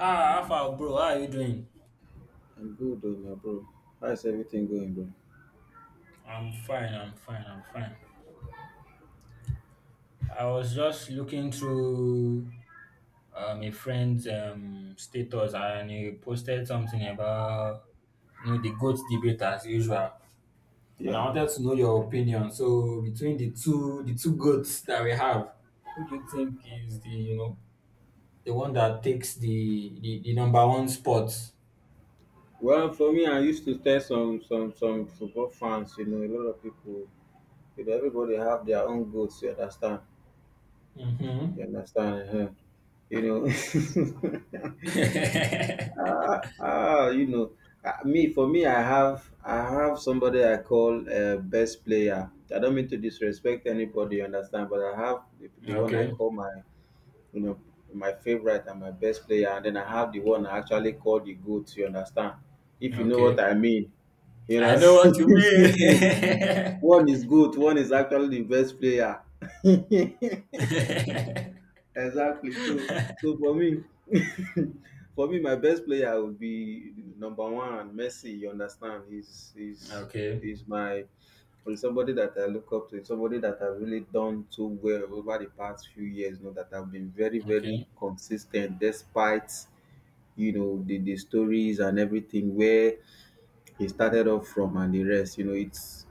Ah, Alpha, bro, how are you doing? I'm good, though, my bro. How's everything going, bro? I'm fine, I'm fine, I'm fine. I was just looking through a friend's status and he posted something about you know the goat debate as usual. And I Yeah. wanted to know your opinion. So between the two goats that we have, who do you think is the you know the one that takes the number one spot? Well, for me, I used to tell some football fans, a lot of people, everybody have their own goals. You understand? You Mm-hmm. understand? Huh? You know. ah, ah, you know. Ah, Me for me, I have somebody I call best player. I don't mean to disrespect anybody, you understand? But I have the one I Okay, call you know, my favorite and my best player. And then I have the one I actually call the GOAT, you understand? If you know what okay. I mean. You I know, know what you mean. one is good, one is actually the best player. Exactly. So for me, for me, my best player would be number one, Messi. You understand? Okay. he's my he's somebody that I look up to. He's somebody that I've really done so well over the past few years. You know that I've been very, very Okay. consistent, despite the stories and everything where he started off from and the rest. You know, it's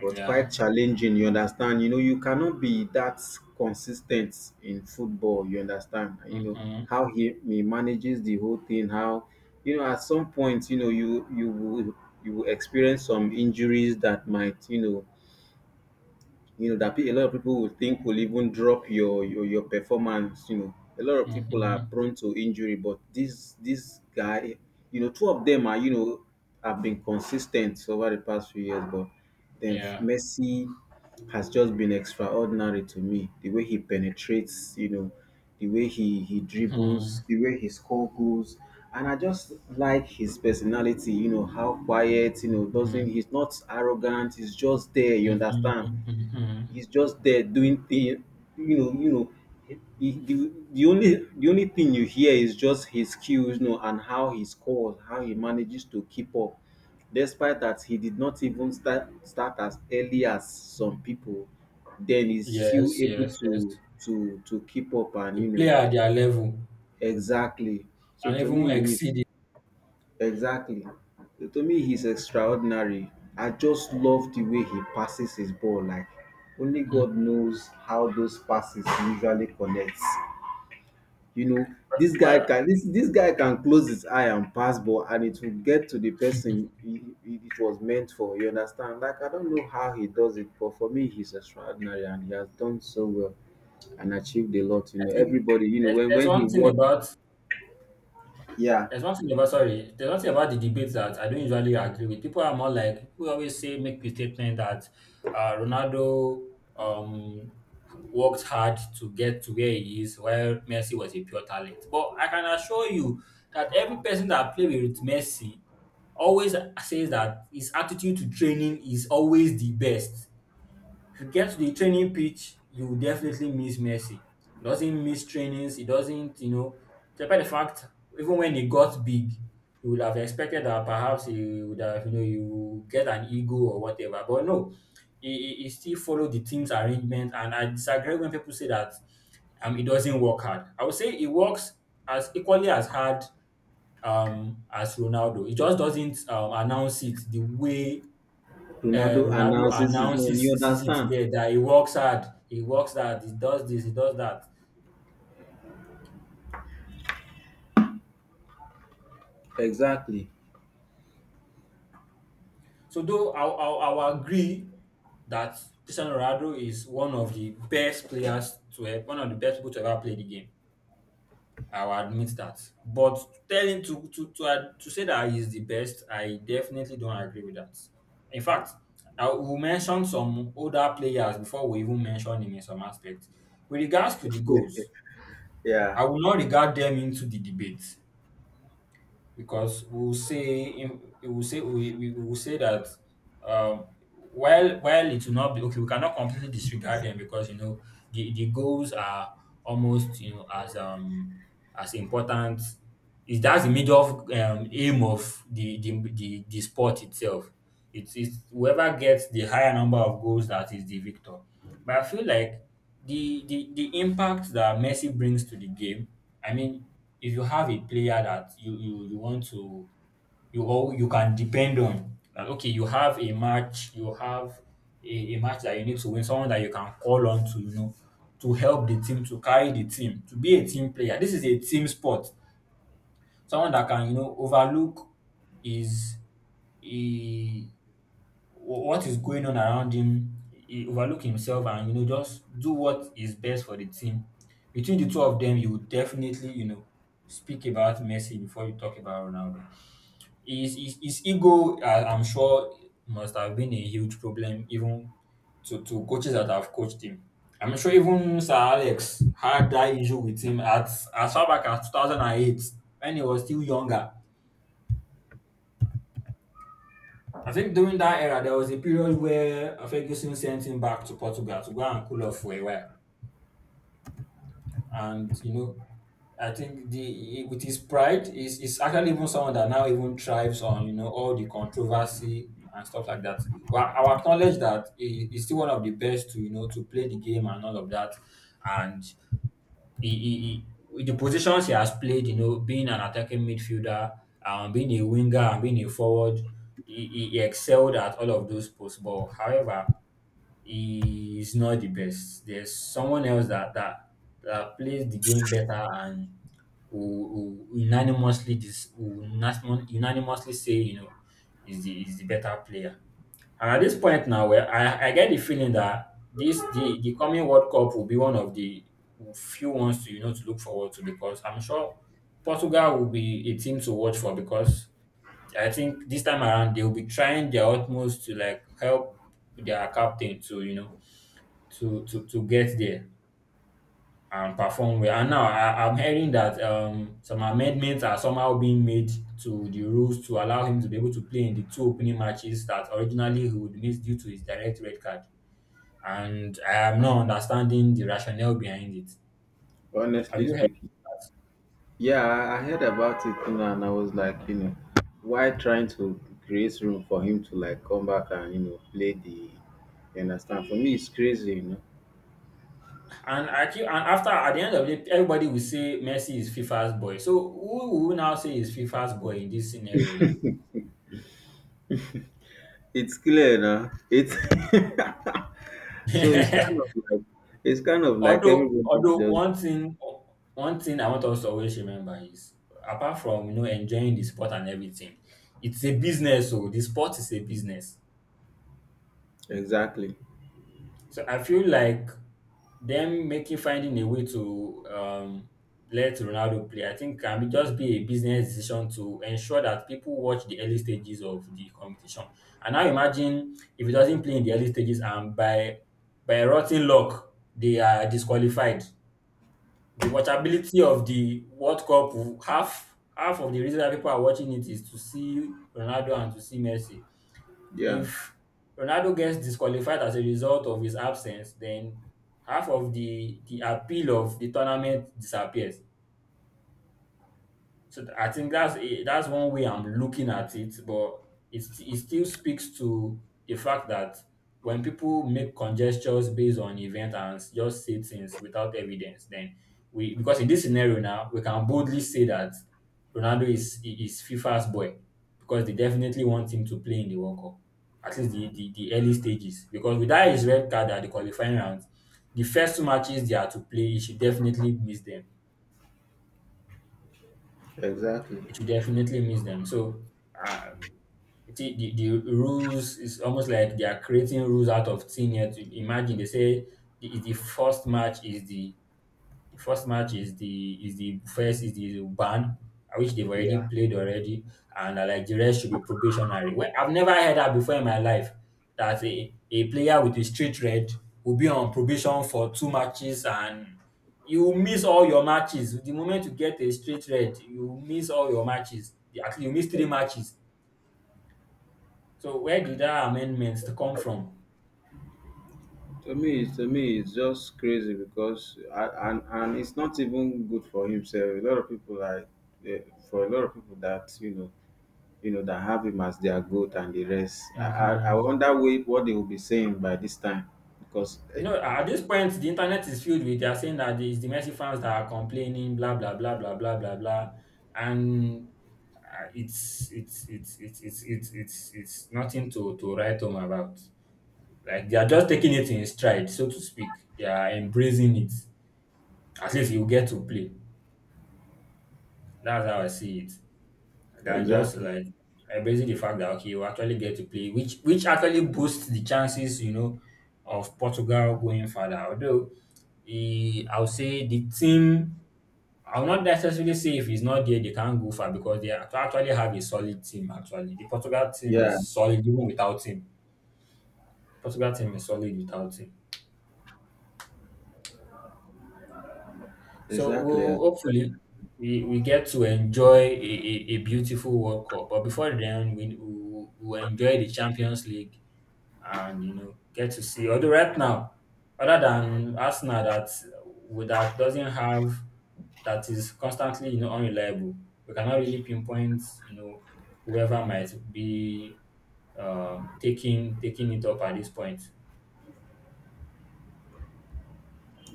was Yeah. quite challenging. You understand? You cannot be that consistent in football. You understand? You know Mm-hmm. how he manages the whole thing. How, at some point, you will experience some injuries that might, a lot of people will think, will even drop your performance. A lot of people are Mm-hmm. prone to injury, but this guy, two of them are, have been consistent over the past few years. But then Yeah. Messi has just been extraordinary to me. The way he penetrates, the way he Mm-hmm. dribbles, the way he scores goals. And I just like his personality. How quiet, Mm-hmm. doesn't he's not arrogant, he's just there, you understand? Mm-hmm. Mm-hmm. He's just there doing thing, you know, you know. He, the only thing you hear is just his skills, and how he scores, how he manages to keep up. Despite that, he did not even start as early as some people. Then he's still Yes, able yes, yes. to keep up. And To play at their level exactly. So and to even me, he's exceed it. exactly. To me, he's extraordinary. I just love the way he passes his ball. Like only Mhm. God knows how those passes usually connect. You know, this guy Well, can this this guy can close his eye and pass ball, and it will get to the person it was meant for. You understand? Like I don't know how he does it, but for me, he's extraordinary, and he has done so well and achieved a lot. I think there's, when there's when he one thing won, about yeah, there's one thing about the debates that I don't usually agree with. People are more like people always say make the statement that Ronaldo um worked hard to get to where he is, while Messi was a pure talent. But I can assure you that every person that played with Messi always says that his attitude to training is always the best. If you get to the training pitch, you will definitely miss Messi. He doesn't miss trainings. He doesn't, you know, despite the fact, even when he got big, you would have expected that perhaps he would have, you know, you get an ego or whatever. But no, he still followed the team's arrangement. And I disagree when people say that he doesn't work hard. I would say he works as equally as hard as Ronaldo. He just doesn't announce it the way Ronaldo Ronaldo announces his own. You announces sees it understand? there that he works hard, he works hard, he does this, he does that. Exactly. So though I will agree that Cristiano Ronaldo is one of the best players to have, one of the best people to ever play the game. I will admit that. But telling to say that he's the best, I definitely don't agree with that. In fact, I will mention some older players before we even mention him in some aspects. With regards to the goals, Yeah, I will not regard them into the debate. Because we will say in, we will say that while it will not be okay we cannot completely disregard them because you know the goals are almost you know as important is that's the major aim of the sport itself. It's whoever gets the higher number of goals that is the victor. But I feel like the impact that Messi brings to the game, I mean, if you have a player that you want to you all you can depend on. Like okay, you have a match, you have a match that you need to win, someone that you can call on to, you know, to help the team, to carry the team, to be a team player. This is a team sport. Someone that can, you know, overlook is what is going on around him. He overlook himself and you know just do what is best for the team. Between the two of them, you would definitely you know speak about Messi before you talk about Ronaldo. His ego, I'm sure, must have been a huge problem even to coaches that have coached him. I'm sure even Sir Alex had that issue with him at as far back as 2008 when he was still younger. I think during that era, there was a period where Ferguson sent him back to Portugal to go and cool off for a while. And, you know, I think the with his pride, is actually even someone that now even thrives on, you know, all the controversy and stuff like that. Well, I will acknowledge that he's still one of the best to, you know, to play the game and all of that. And he, he, he the positions he has played, you know, being an attacking midfielder, being a winger, and being a forward, he excelled at all of those posts. But however, he is not the best. There's someone else that that plays the game better and who unanimously this who unanimously say you know is the better player. And at this point now, where I get the feeling that this the coming World Cup will be one of the few ones to you know to look forward to because I'm sure Portugal will be a team to watch for because I think this time around they will be trying their utmost to like help their captain to you know to get there and perform well. And now I'm hearing that some amendments are somehow being made to the rules to allow him to be able to play in the two opening matches that originally he would miss due to his direct red card. And I am not understanding the rationale behind it. Have honestly you heard? speaking. Yeah, I heard about it, and I was like, why trying to create room for him to like come back and play the You understand? For me it's crazy, you know. And I keep, and after at the end of the day, everybody will say Messi is FIFA's boy. So who will we now say is FIFA's boy in this scenario It's clear now. It's so it's kind now? of like, Although everybody's although just, one thing I want us to always remember is apart from you know enjoying the sport and everything, it's a business. So the sport is a business. exactly. So I feel like them making finding a way to let Ronaldo play, I think can be just be a business decision to ensure that people watch the early stages of the competition. And now imagine if he doesn't play in the early stages and by rotten luck they are disqualified. The watchability of the World Cup, half of the reason that people are watching it is to see Ronaldo and to see Messi. Yeah, If Ronaldo gets disqualified as a result of his absence, then half of the appeal of the tournament disappears. So I think that's one way I'm looking at it, but it still speaks to the fact that when people make conjectures based on event and just say things without evidence, then we because in this scenario now we can boldly say that Ronaldo is FIFA's boy because they definitely want him to play in the World Cup at least the early stages because without his red card at the qualifying round, the first two matches they are to play, he should definitely miss them. exactly. It will definitely miss them. So, uh, you see, the rules is almost like they are creating rules out of thin air. To imagine they say the first match is the first match is the first is the ban, which they've already Yeah. played already, and like the rest should be probationary. Well, I've never heard that before in my life. That a player with a straight red will be on probation for two matches and you will miss all your matches. The moment you get a straight red, you will miss all your matches. At you miss three matches. So where did that amendment come from? To me, it's just crazy, because and it's not even good for himself. A lot of people are, eh, for a lot of people that, that have him as their goat and the rest. I Mhm. wonder what they will be saying by this time, because, No, at this point, the internet is filled with they are saying that it's the Messi fans that are complaining, blah blah blah blah blah blah blah, and it's nothing to write home about. Like they are just taking it in stride, so to speak. They are embracing it as if you get to play. That's how I see it. That just exactly, like embracing the fact that okay, you actually get to play, which actually boosts the chances, you know, of Portugal going further. Although the I'll say the team I'll not necessarily say if he's not there, they can't go far because they actually have a solid team. Actually, the Portugal team yeah, is solid even without him. Portugal team is solid without him. So exactly, yeah. we'll hopefully we get to enjoy a beautiful World Cup. But before then, we'll enjoy the Champions League and you know get to see. Although right now, other than Arsenal that with that doesn't have that is constantly you know unreliable, we cannot really pinpoint you know whoever might be taking it up at this point.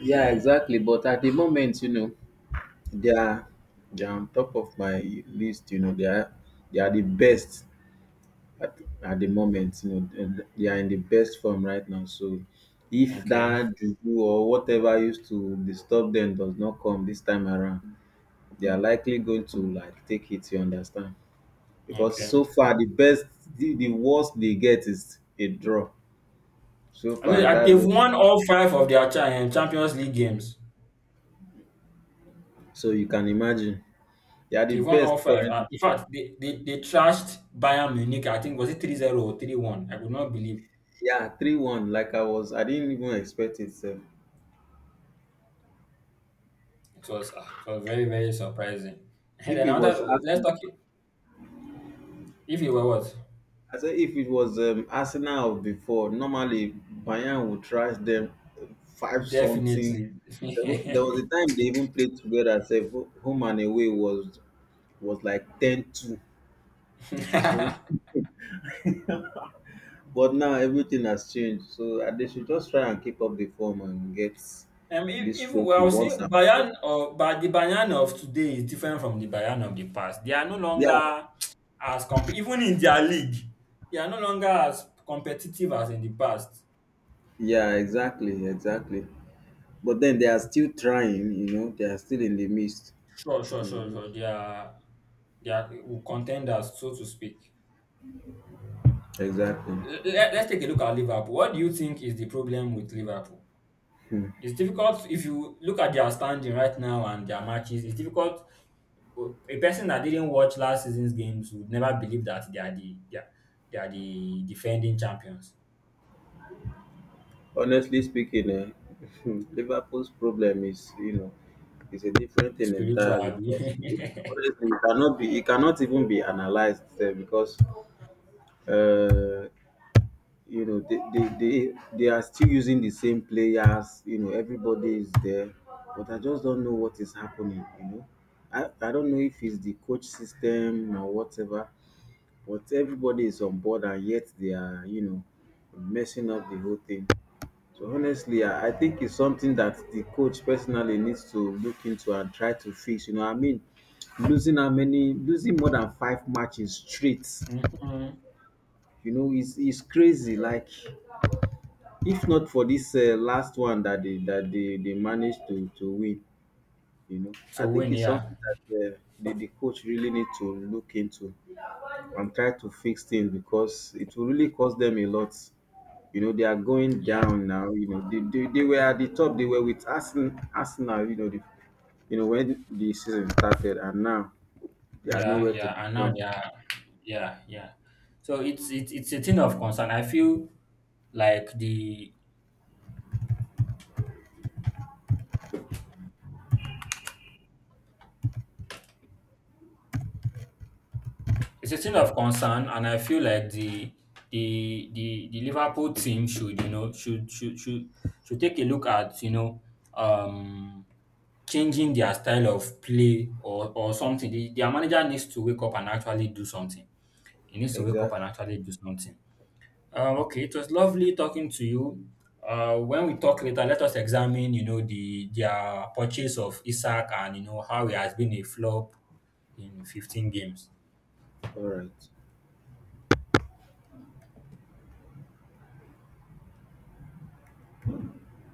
Yeah, exactly. But at the moment, you know, they are they are on top of my list. You know, they are the best. At the moment, you know, and they are in the best form right now. So if Okay, that juju or whatever used to disturb them does not come this time around, they are likely going to like take it, you understand? Because okay. so far the worst they get is a draw. So I know far that that's they've it. won all five of their Champions League games. So you can imagine. They are the They've won all best five. currently. In So, fact, they trashed Bayern Munich. I think was it 3-0 or 3-1. I could not believe. yeah, 3-1. Like I didn't even expect it. Sef. It was it was very very surprising. And If then it was another let's us talk it. If you were what I say if it was, Arsenal of before, normally Bayern would trash them, five something. definitely. There was a time they even played together. Say home and away was, like 10-2. So, but now everything has changed. So they should just try and keep up the form and get Um. Mean, this even trophy well, see, once and for all. Bayan or but the Bayan of today is different from the Bayan of the past. They are no Yeah, longer as comp even in their league, they are no longer as competitive as in the past. yeah, exactly, exactly. But then they are still trying. You know, they are still in the midst. Sure, sure, In the sure, midst. sure. They are contenders, so to speak. Exactly. Let's take a look at Liverpool. What do you think is the problem with Liverpool? It's difficult if you look at their standing right now and their matches. It's difficult. A person that didn't watch last season's games would never believe that they are they are the defending champions. Honestly speaking, Liverpool's problem is a different thing Spiritual. entirely. Because Mm-hmm. honestly, it cannot even be analyzed there, because, uh, you know, they are still using the same players. You know, everybody is there, but I just don't know what is happening. You know, I don't know if it's the coach system or whatever, but everybody is on board, and yet they are, messing up the whole thing. So honestly, I think it's something that the coach personally needs to look into and try to fix. You know, I mean, losing how many, losing more than five matches straight, you know, is crazy. Like, if not for this, last one that they managed to win, you know, I So think when it's yeah, something that, the coach really need to look into and try to fix things, because it will really cost them a lot. You know, they are going yeah, down now. You know, they were at the top. They were with Arsenal, you know, you know, when the season started, and now they are yeah, nowhere to yeah, be and now found. they are yeah, yeah. So it's a thing of concern. I feel like the It's a thing of concern, and I feel like the Liverpool team should you know should take a look at you know um changing their style of play or something. The, their manager needs to wake up and actually do something. He needs to wake up and Exactly. actually do something. Okay, it was lovely talking to you. When we talk later, let us examine you know the their purchase of Isaac and you know how he has been a flop in 15 games. All right.